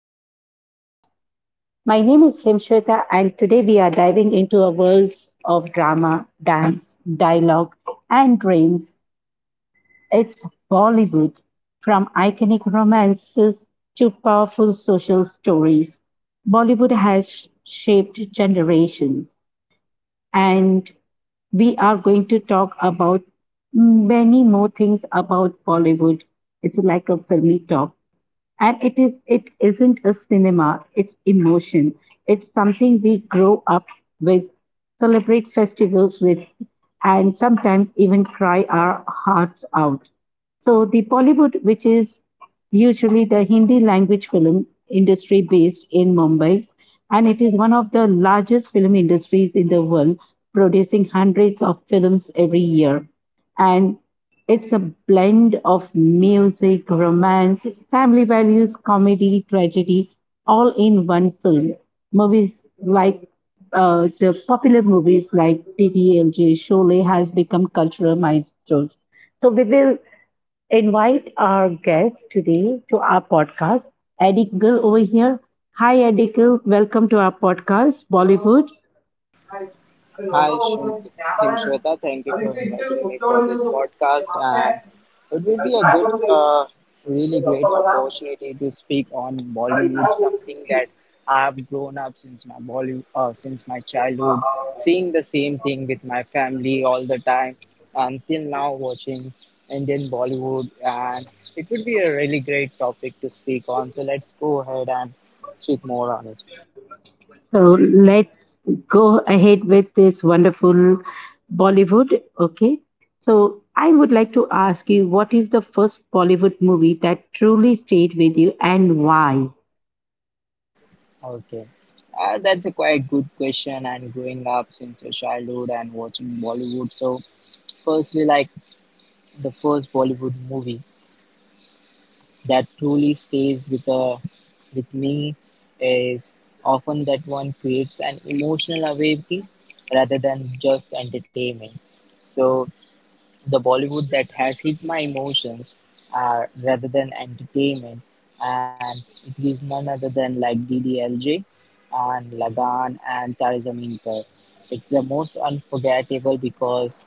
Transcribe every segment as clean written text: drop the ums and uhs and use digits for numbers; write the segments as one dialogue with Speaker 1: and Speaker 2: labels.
Speaker 1: to our podcast. My name is Himshweta, and today we are diving into a world of drama, dance, dialogue, and dreams. It's Bollywood, from iconic romances to powerful social stories. Bollywood has shaped generations, and we are going to talk about many more things about Bollywood. It's like a filmy talk, and it isn't a cinema, it's emotion, it's something we grow up with, celebrate festivals with, and sometimes even cry our hearts out. So the Bollywood, which is usually the Hindi language film industry based in Mumbai, and it is one of the largest film industries in the world, producing hundreds of films every year. And it's a blend of music, romance, family values, comedy, tragedy, all in one film. Movies like the popular movies like TTLJ, Sholay has become cultural milestones. So we will invite our guest today to our podcast, Eddie Gill over here. Hi, Eddie Gill. Welcome to our podcast, Bollywood.
Speaker 2: Hi, Himshweta. Thank you for inviting me for this podcast. And it will be a good, really great opportunity to speak on Bollywood, something that I've grown up since my Bollywood, since my childhood, seeing the same thing with my family all the time, until now watching Indian Bollywood. And it would be a really great topic to speak on. So let's go ahead and speak more on it.
Speaker 1: So let's go ahead with this wonderful Bollywood. Okay. So I would like to ask you, what is the first Bollywood movie that truly stayed with you and why?
Speaker 2: Okay. That's a quite good question. And growing up since your childhood and watching Bollywood. So, firstly, like the first Bollywood movie that truly stays with me is often that one creates an emotional awakening rather than just entertainment. So, the Bollywood that has hit my emotions are rather than entertainment, and it is none other than like DDLJ and Lagan and Tare Zameen Par. It's the most unforgettable because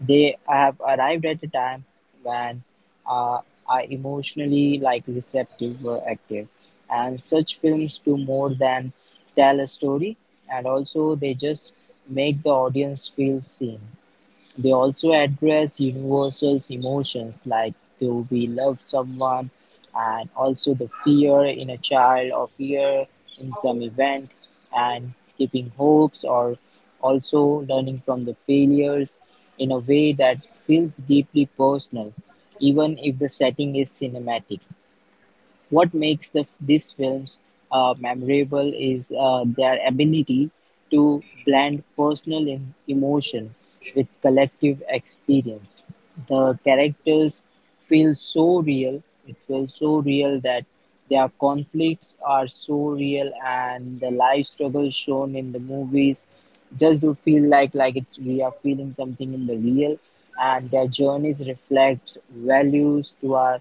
Speaker 2: they have arrived at a time when uh, are emotionally like receptive were active, and such films do more than tell a story, and also they just make the audience feel seen. They also address universal emotions like do we love someone, and also the fear in a child or fear in some event, and keeping hopes or also learning from the failures in a way that feels deeply personal even if the setting is cinematic. What makes these films memorable is their ability to blend personal emotion with collective experience. The characters feel so real, it feels so real that their conflicts are so real, and the life struggles shown in the movies just do feel like it's we are feeling something in the real, and their journeys reflect values to our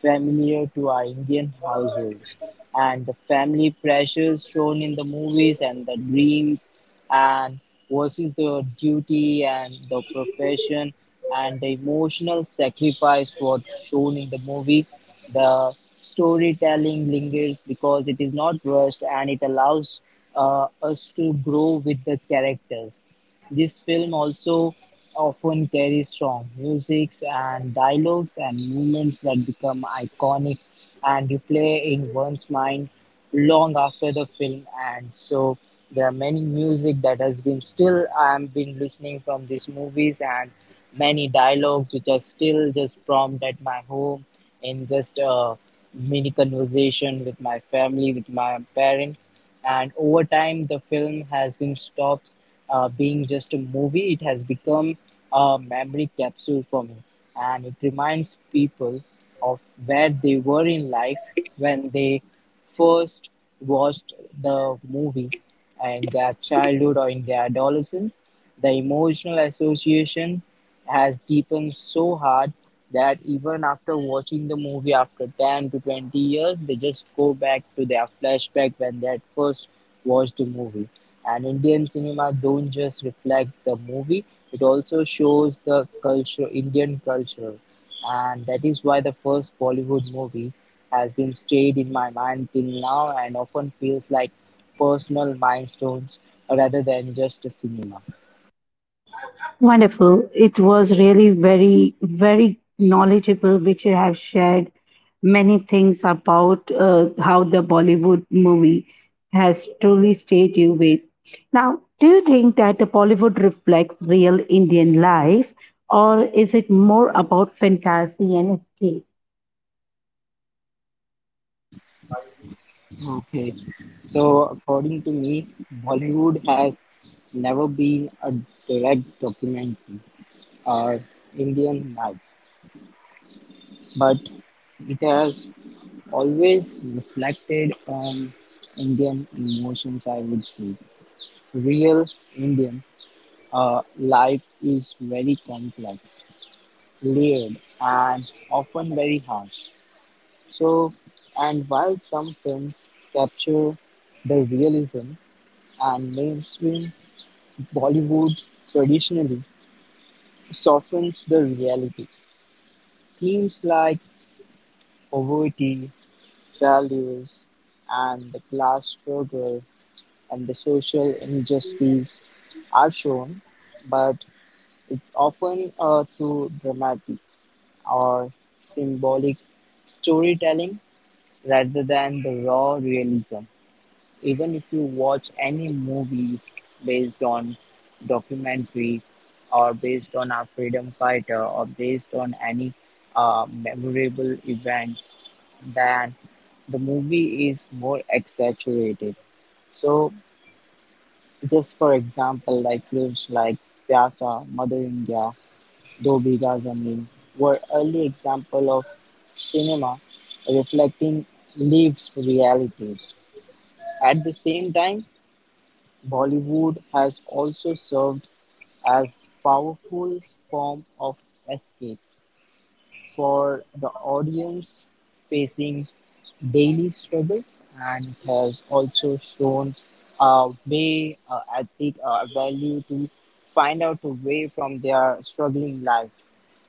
Speaker 2: familiar to our Indian households. And the family pressures shown in the movies and the dreams and versus the duty and the profession and the emotional sacrifice what shown in the movie. The storytelling lingers because it is not rushed and it allows us to grow with the characters. This film also often carries strong musics and dialogues and moments that become iconic and replay in one's mind long after the film ends. So there are many music that has been still I've been listening from these movies, and many dialogues which are still just prompt at my home in just a mini conversation with my family, with my parents. And over time, the film has been stopped being just a movie. It has become a memory capsule for me. And it reminds people of where they were in life when they first watched the movie in their childhood or in their adolescence. The emotional association has deepened so hard that even after watching the movie after 10 to 20 years, they just go back to their flashback when they had first watched the movie. And Indian cinema don't just reflect the movie, it also shows the culture, Indian culture. And that is why the first Bollywood movie has been stayed in my mind till now and often feels like personal milestones rather than just a cinema.
Speaker 1: Wonderful. It was really very, very knowledgeable, which you have shared many things about how the Bollywood movie has truly stayed you with. Now, do you think that the Bollywood reflects real Indian life, or is it more about fantasy and escape?
Speaker 2: Okay, so according to me, Bollywood has never been a direct documentary or Indian life, but it has always reflected on Indian emotions, I would say. Real Indian life is very complex, layered, and often very harsh. So, and while some films capture the realism, and mainstream Bollywood traditionally softens the reality. Themes like poverty, values, and the class struggle and the social injustice are shown, but it's often through dramatic or symbolic storytelling rather than the raw realism. Even if you watch any movie based on documentary or based on a freedom fighter or based on any memorable event, then the movie is more exaggerated. So, just for example, like films like Pyasa, Mother India, Do Bigha Zameen were early example of cinema reflecting lived realities. At the same time, Bollywood has also served as powerful form of escape for the audience facing daily struggles, and it has also shown a way I think a value to find out a way from their struggling life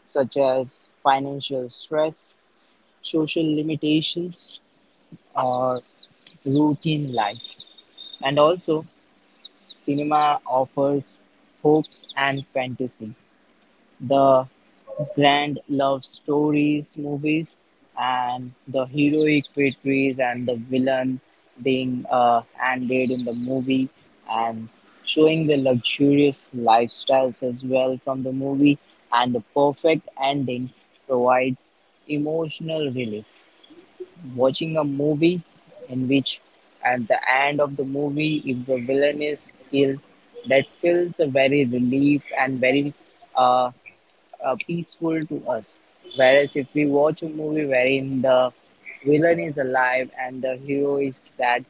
Speaker 2: such as financial stress, social limitations, or routine life, and also cinema offers hopes and fantasy, the grand love stories movies, and the heroic victories and the villain being handled in the movie, and showing the luxurious lifestyles as well from the movie, and the perfect endings provides emotional relief. Watching a movie in which at the end of the movie if the villain is killed, that feels a very relief and very uh, peaceful to us, whereas if we watch a movie wherein the villain is alive and the hero is dead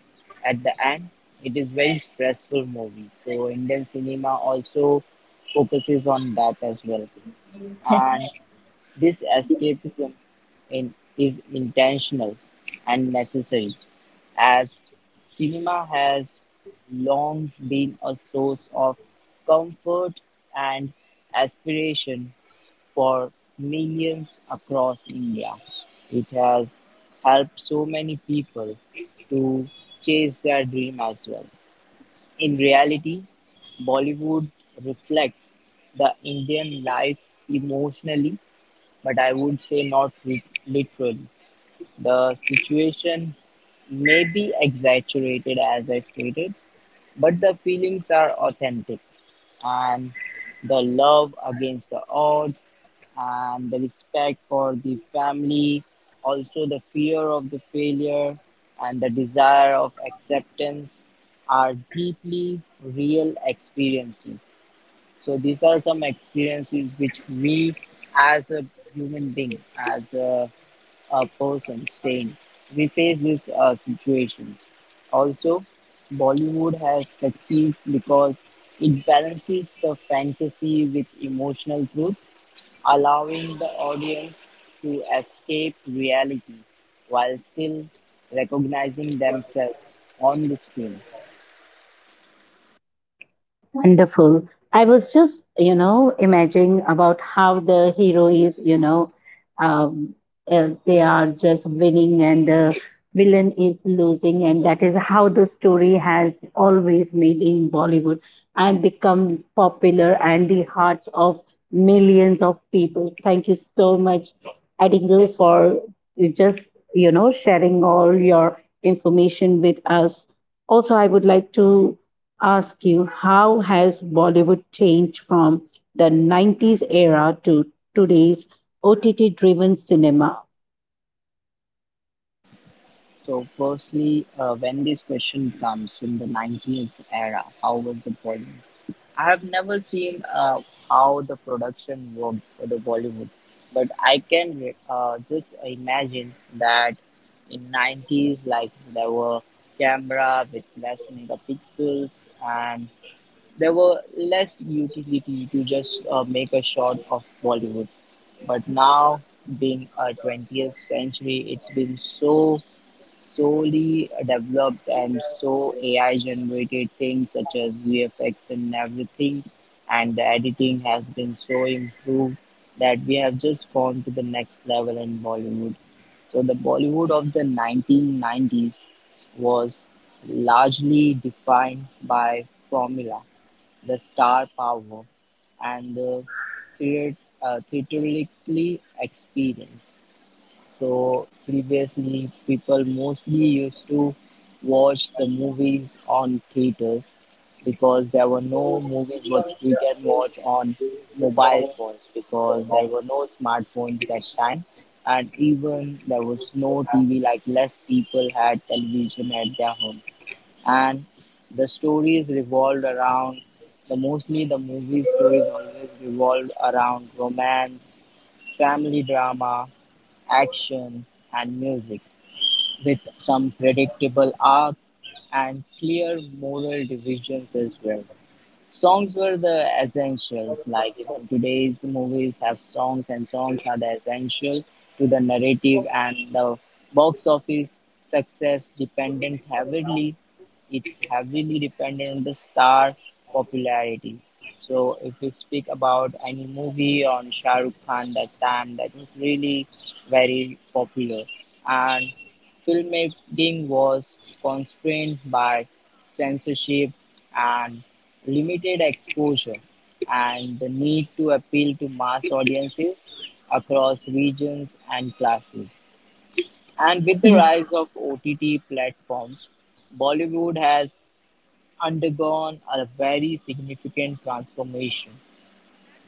Speaker 2: at the end, it is very stressful movie. So Indian cinema also focuses on that as well. And this escapism is intentional and necessary, as cinema has long been a source of comfort and aspiration for millions across India. It has helped so many people to chase their dream as well. In reality, Bollywood reflects the Indian life emotionally, but I would say not literal. The situation may be exaggerated, as I stated, but the feelings are authentic. And the love against the odds, and the respect for the family, also the fear of the failure, and the desire of acceptance are deeply real experiences. So these are some experiences which we, as a human being, as a person staying, we face these situations. Also, Bollywood has succeeds because it balances the fantasy with emotional truth, allowing the audience to escape reality while still recognizing themselves on the screen.
Speaker 1: Wonderful. I was just, imagining about how the hero is, um, they are just winning and the villain is losing, and that is how the story has always made in Bollywood and become popular and the hearts of millions of people. Thank you so much, Adigal, for just sharing all your information with us. Also, I would like to ask you, how has Bollywood changed from the 90s era to today's OTT driven cinema?
Speaker 2: So, firstly, when this question comes in the 90s era, how was the Bollywood? I have never seen how the production worked for the Bollywood, but I can just imagine that in 90s, like there were camera with less megapixels and there were less utility to just make a shot of Bollywood. But now, being a 20th century, it's been so solely developed and so AI generated things such as VFX and everything, and the editing has been so improved that we have just gone to the next level in Bollywood. So the Bollywood of the 1990s was largely defined by formula, the star power and the theatrically experience. So previously, people mostly used to watch the movies on theaters because there were no movies which we can watch on mobile phones because there were no smartphones that time, and even there was no TV, like less people had television at their home, and the stories revolved around the mostly the movie stories always revolved around romance, family drama, action, and music, with some predictable arcs and clear moral divisions as well. Songs were the essentials, like even today's movies have songs, and songs are the essential to the narrative, and the box office success dependent heavily, it's heavily dependent on the star popularity. So if you speak about any movie on Shah Rukh Khan that time, that was really very popular. And filmmaking was constrained by censorship and limited exposure, and the need to appeal to mass audiences across regions and classes. And with the
Speaker 1: Yeah.
Speaker 2: rise of OTT platforms, Bollywood has undergone a very significant transformation.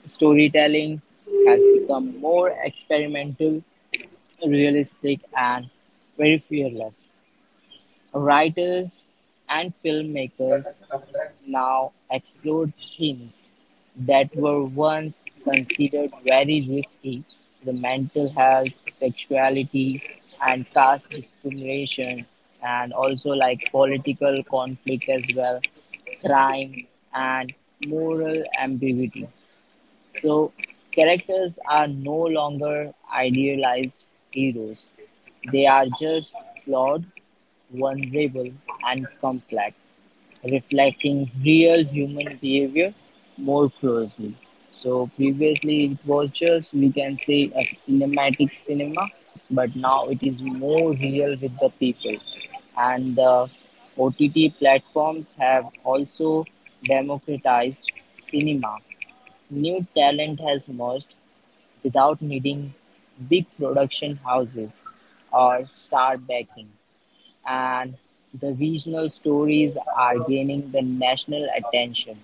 Speaker 2: Storytelling has become more experimental, realistic, and very fearless. Writers and filmmakers now explore themes that were once considered very risky, the mental health, sexuality, and caste discrimination, and also like political conflict as well, crime, and moral ambiguity. So, characters are no longer idealized heroes, they are just flawed, vulnerable, and complex, reflecting real human behavior more closely. So previously it was just we can say a cinematic cinema, but now it is more real with the people. And the OTT platforms have also democratized cinema. New talent has emerged without needing big production houses or star backing, and the regional stories are gaining the national attention,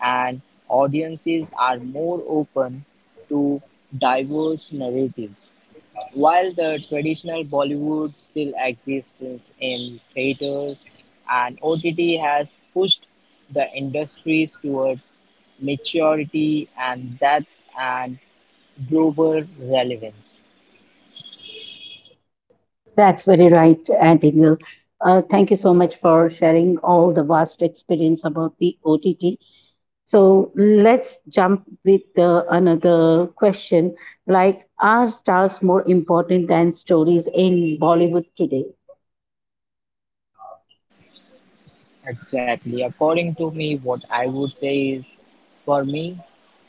Speaker 2: and audiences are more open to diverse narratives. While the traditional Bollywood still exists in theaters, and OTT has pushed the industries towards maturity and depth and global relevance.
Speaker 1: That's very right, Adigal. Thank you so much for sharing all the vast experience about the OTT. So let's jump with another question, like, are stars more important than stories in Bollywood today?
Speaker 2: Exactly. According to me, what I would say is for me,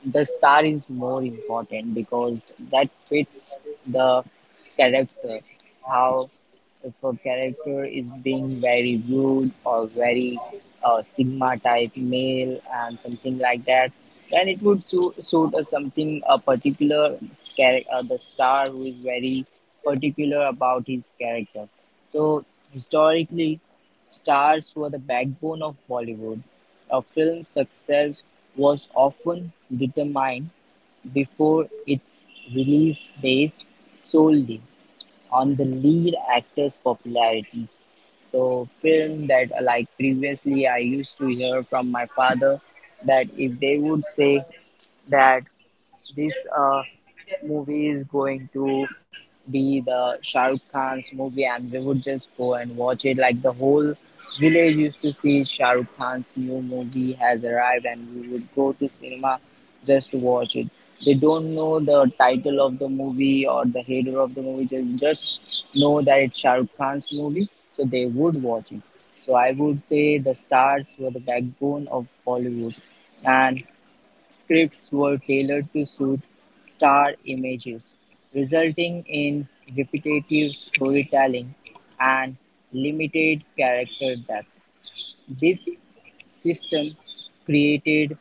Speaker 2: the star is more important because that fits the character. How if a character is being very rude or very sigma type male and something like that, then it would suit a something a particular character, the star who is very particular about his character. So historically stars were the backbone of Bollywood; a film's success was often determined before its release based solely on the lead actor's popularity. So, film that like previously I used to hear from my father that if they would say that this movie is going to be the Shah Rukh Khan's movie, and we would just go and watch it. Like the whole village used to see Shah Rukh Khan's new movie has arrived, and we would go to cinema just to watch it. They don't know the title of the movie or the header of the movie, just, just know that it's Shah Rukh Khan's movie, so they would watch it. So I would say the stars were the backbone of Bollywood, and scripts were tailored to suit star images, resulting in repetitive storytelling and limited character depth. This system created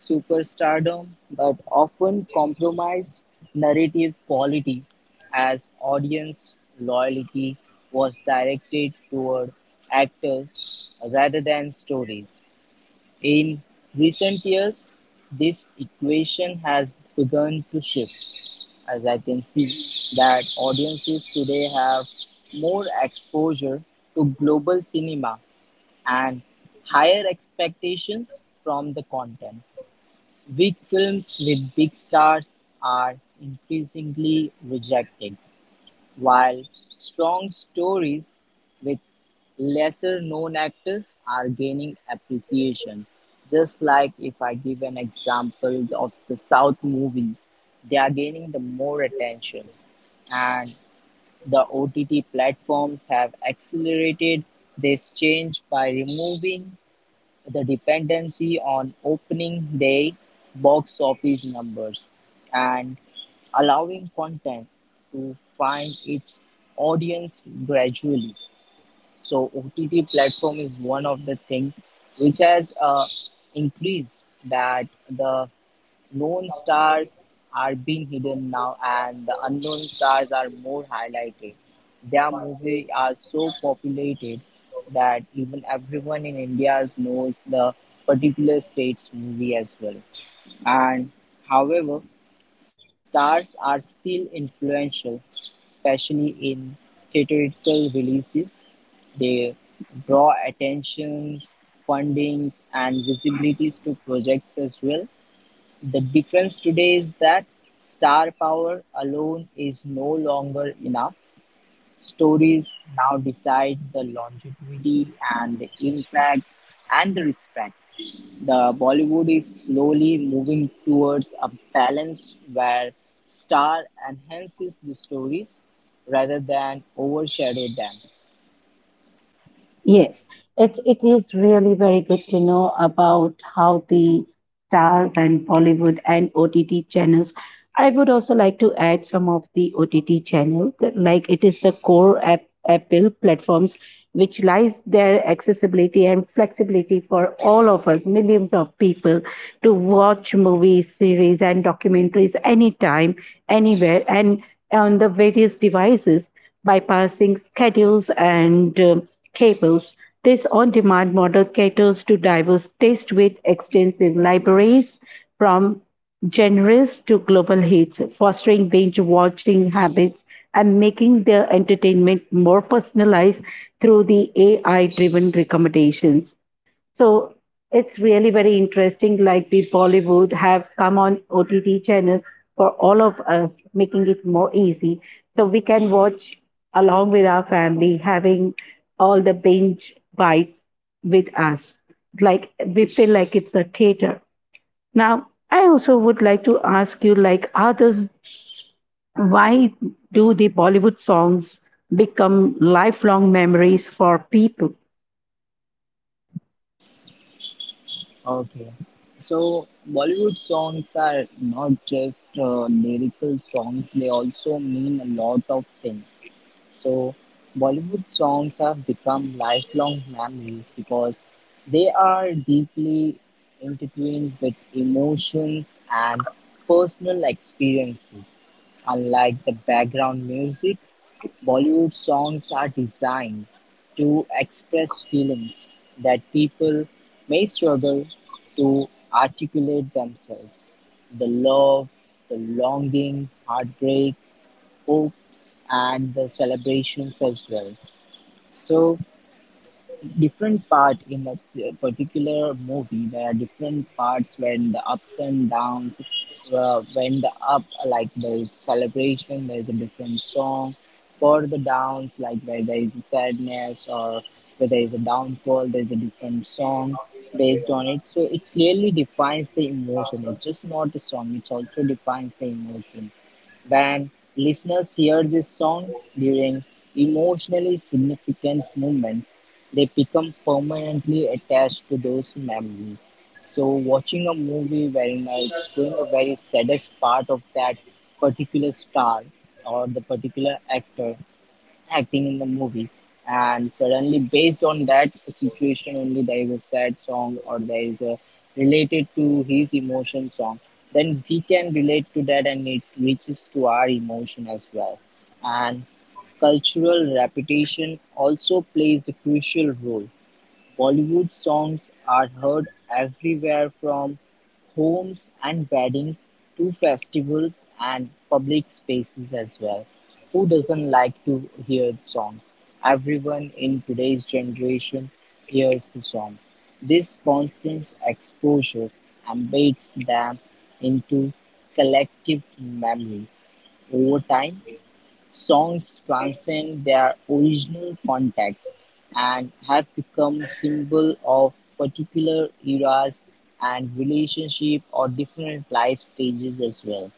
Speaker 2: superstardom but often compromised narrative quality as audience loyalty was directed toward actors rather than stories. In recent years, this equation has begun to shift, as I can see that audiences today have more exposure to global cinema and higher expectations from the content. Big films with big stars are increasingly rejected while strong stories with lesser-known actors are gaining appreciation, just like if I give an example of the South movies, they are gaining the more attentions, and the OTT platforms have accelerated this change by removing the dependency on opening day box office numbers and allowing content to find its audience gradually. So OTT platform is one of the thing which has increased that the known stars are being hidden now, and the unknown stars are more highlighted. Their movies are so populated that even everyone in India knows the particular state's movie as well. And however, stars are still influential, especially in theatrical releases. They draw attention, fundings, and visibilities to projects as well. The difference today is that star power alone is no longer enough. Stories now decide the longevity and the impact and the respect. The Bollywood is slowly moving towards a balance where star enhances the stories rather than overshadow them.
Speaker 1: Yes, it is really very good to know about how the stars and Bollywood and OTT channels. I would also like to add some of the OTT channels, like it is the core app, Apple platform, which lies their accessibility and flexibility for all of us, millions of people, to watch movies, series, and documentaries anytime, anywhere, and on the various devices, bypassing schedules and cables. This on demand model caters to diverse taste with extensive libraries from generous to global hits, fostering binge watching habits, and making their entertainment more personalized through the AI driven recommendations. So it's really very interesting, like the Bollywood have come on OTT channels for all of us, making it more easy. So we can watch along with our family, having all the binge bites with us. Like we feel like it's a theater. Now, I also would like to ask you, like others, why do the Bollywood songs become lifelong memories for people?
Speaker 2: Okay. So Bollywood songs are not just lyrical songs, they also mean a lot of things. So Bollywood songs have become lifelong memories because they are deeply intertwined with emotions and personal experiences. Unlike the background music, Bollywood songs are designed to express feelings that people may struggle to articulate themselves the love, the longing, heartbreak, hopes, and the celebrations as well. So, different part in a particular movie, there are different parts when the ups and downs, when the up, like there is celebration, there is a different song for the downs, like where there is a sadness or where there is a downfall, there is a different song based on it. So it clearly defines the emotion. It's just not a song, it also defines the emotion when listeners hear this song during emotionally significant moments, they become permanently attached to those memories. So, watching a movie wherein it's going a very saddest part of that particular star or the particular actor acting in the movie, and suddenly based on that situation only, there is a sad song or there is a related to his emotion song, then we can relate to that and it reaches to our emotion as well. And cultural repetition also plays a crucial role. Bollywood songs are heard everywhere, from homes and weddings to festivals and public spaces as well. Who doesn't like to hear songs? Everyone in today's generation hears the song. This constant exposure embeds them into collective memory over time. Songs transcend their original context and have become symbols of particular eras and relationship or different life stages as well.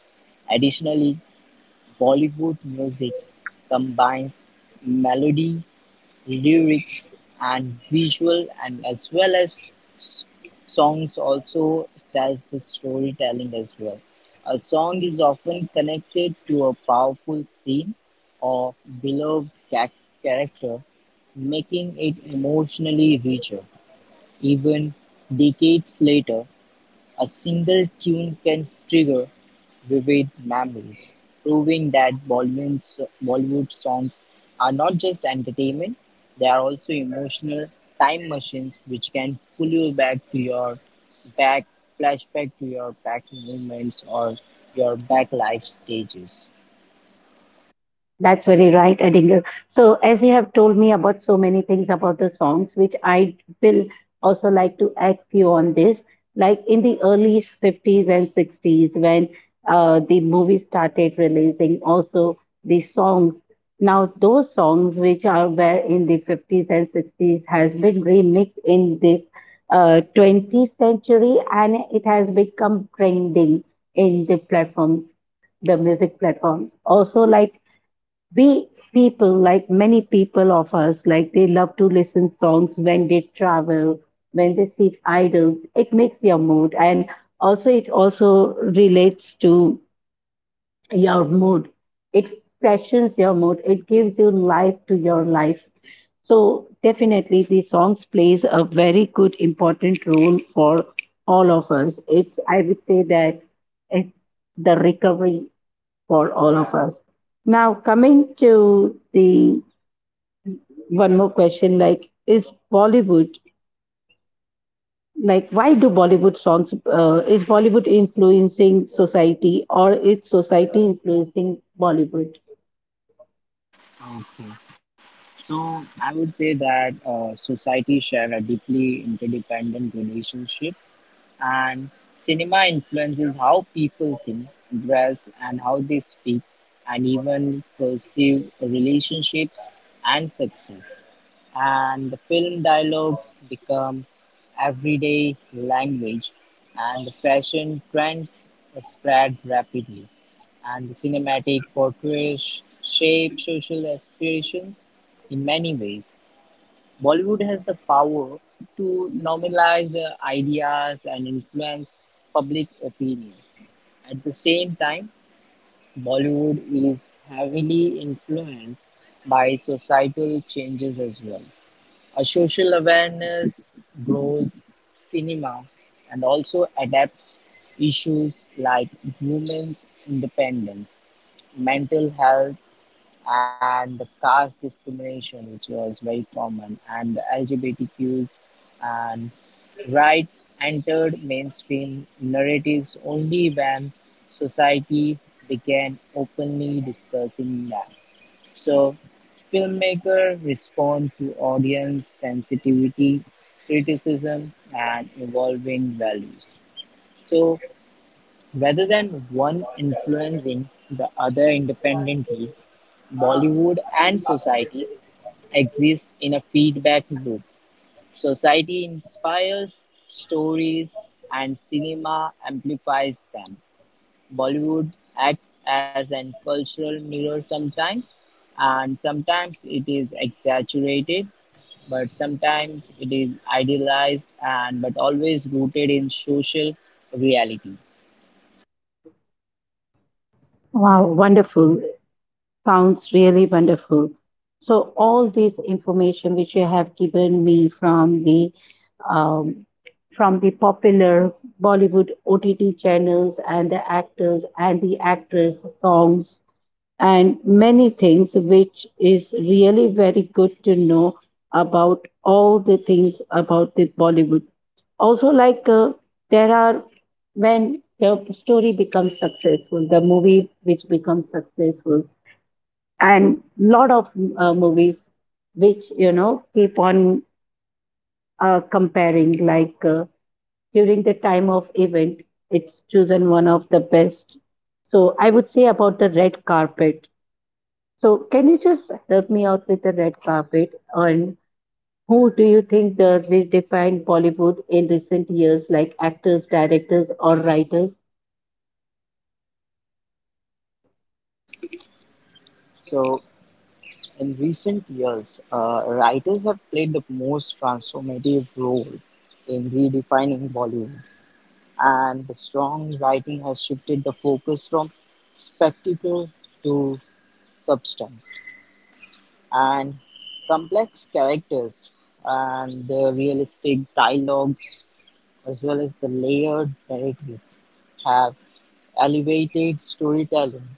Speaker 2: Additionally, Bollywood music combines melody, lyrics, and visual, and as well as s- songs also tells the storytelling as well. A song is often connected to a powerful scene or beloved character, making it emotionally richer. Even decades later, a single tune can trigger vivid memories, proving that Bollywood songs are not just entertainment, they are also emotional time machines which can pull you back to your back flashback to your back moments or your back life stages.
Speaker 1: That's very right, Adinger. So, as you have told me about so many things about the songs, which I will also like to add few on this. Like in the early 50s and 60s, when the movie started releasing, also the songs. Now, those songs which are were in the 50s and 60s has been remixed in this 20th century, and it has become trending in the platforms, the music platform. Also, like we people, like many people of us, like they love to listen songs when they travel, when they sit idle. It makes your mood, and also it also relates to your mood. It freshens your mood. It gives you life to your life. So definitely, the songs plays a very good important role for all of us. It's, I would say that it's the recovery for all of us. Now, coming to the one more question, like, is Bollywood, like, why do Bollywood songs, is Bollywood influencing society or is society influencing Bollywood?
Speaker 2: Okay. So I would say that societies share a deeply interdependent relationships, and cinema influences how people think, dress, and how they speak, and even perceive relationships and success. And the film dialogues become everyday language, and the fashion trends spread rapidly, and the cinematic portrays shape social aspirations in many ways. Bollywood has the power to normalize the ideas and influence public opinion. At the same time, Bollywood is heavily influenced by societal changes as well. A social awareness grows, cinema and also adapts issues like women's independence, mental health, and the caste discrimination, which was very common, and the LGBTQs and rights entered mainstream narratives only when society began openly discussing them. So filmmakers respond to audience sensitivity, criticism, and evolving values. So rather than one influencing the other independently, Bollywood and society exist in a feedback loop. Society inspires stories and cinema amplifies them. Bollywood acts as an cultural mirror sometimes, and sometimes it is exaggerated, but sometimes it is idealized and but always rooted in social reality.
Speaker 1: Wow, wonderful. Sounds really wonderful. So, all this information which you have given me um, from the popular Bollywood OTT channels and the actors and the actress songs and many things, which is really very good to know about all the things about the Bollywood. Also, like there are, when the story becomes successful, the movie which becomes successful, and lot of movies which keep on comparing. Like during the time of event, it's chosen one of the best. So I would say about the red carpet, so, can you just help me out with the red carpet? And who do you think the redefined Bollywood in recent years, like actors, directors, or writers?
Speaker 2: So, in recent years, writers have played the most transformative role in redefining Bollywood, and the strong writing has shifted the focus from spectacle to substance. And complex characters and the realistic dialogues as well as the layered narratives have elevated storytelling,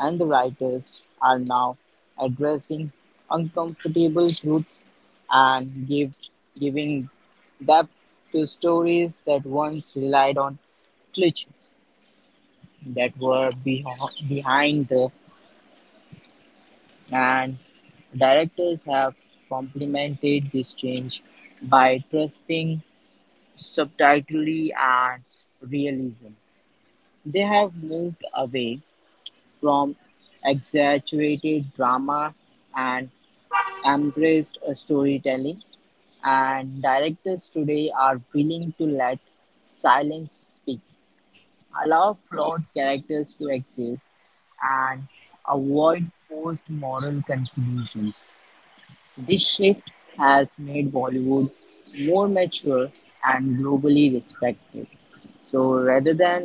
Speaker 2: and the writers are now addressing uncomfortable truths and give giving depth to stories that once relied on cliches that were behind the. And directors have complemented this change by trusting subtlety and realism. They have moved away from exaggerated drama and embraced a storytelling, and directors today are willing to let silence speak, allow flawed characters to exist, and avoid forced moral conclusions. This shift has made Bollywood more mature and globally respected. So rather than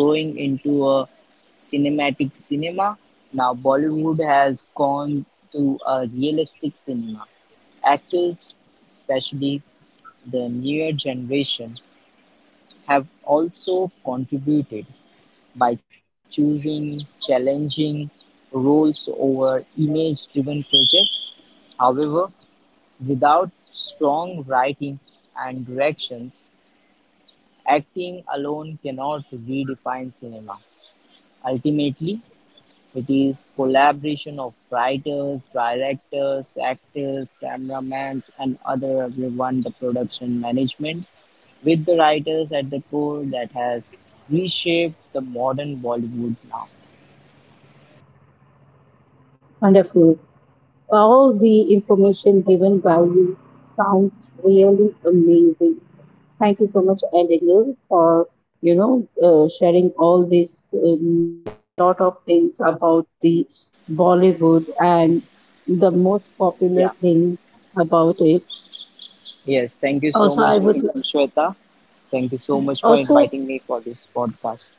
Speaker 2: going into a cinematic cinema, now Bollywood has gone to a realistic cinema. Actors, especially the newer generation, have also contributed by choosing challenging roles over image driven projects. However, without strong writing and directions, acting alone cannot redefine cinema. Ultimately, it is collaboration of writers, directors, actors, cameramen, and other everyone, the production management, with the writers at the core that has reshaped the modern Bollywood now.
Speaker 1: Wonderful. All the information given by you sounds really amazing. Thank you so much, Abigail, for sharing all this lot of things about the Bollywood and the most popular
Speaker 2: Yeah.
Speaker 1: things about it.
Speaker 2: Yes. Thank you
Speaker 1: Also, I
Speaker 2: so much,
Speaker 1: would li-
Speaker 2: Shweta. Thank you so much for
Speaker 1: also
Speaker 2: inviting me for this podcast.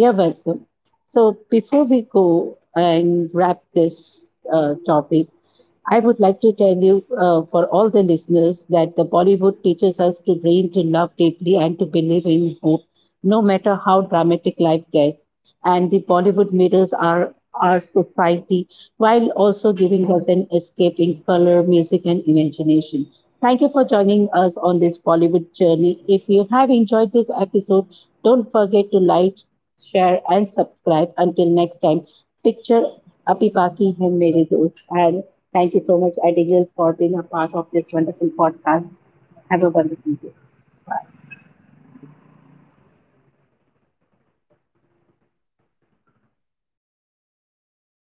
Speaker 1: You're welcome. So before we go and wrap this topic, I would like to tell you, for all the listeners, that the Bollywood teaches us to dream, to love deeply, and to believe in hope, no matter how dramatic life gets. And the Bollywood mirrors our society while also giving us an escape in color, music, and imagination. Thank you for joining us on this Bollywood journey. If you have enjoyed this episode, don't forget to like, share, and subscribe. Until next time, picture Api Paki him mere dost. And thank you so much, Abigail, for being a part of this wonderful podcast. Have a wonderful day.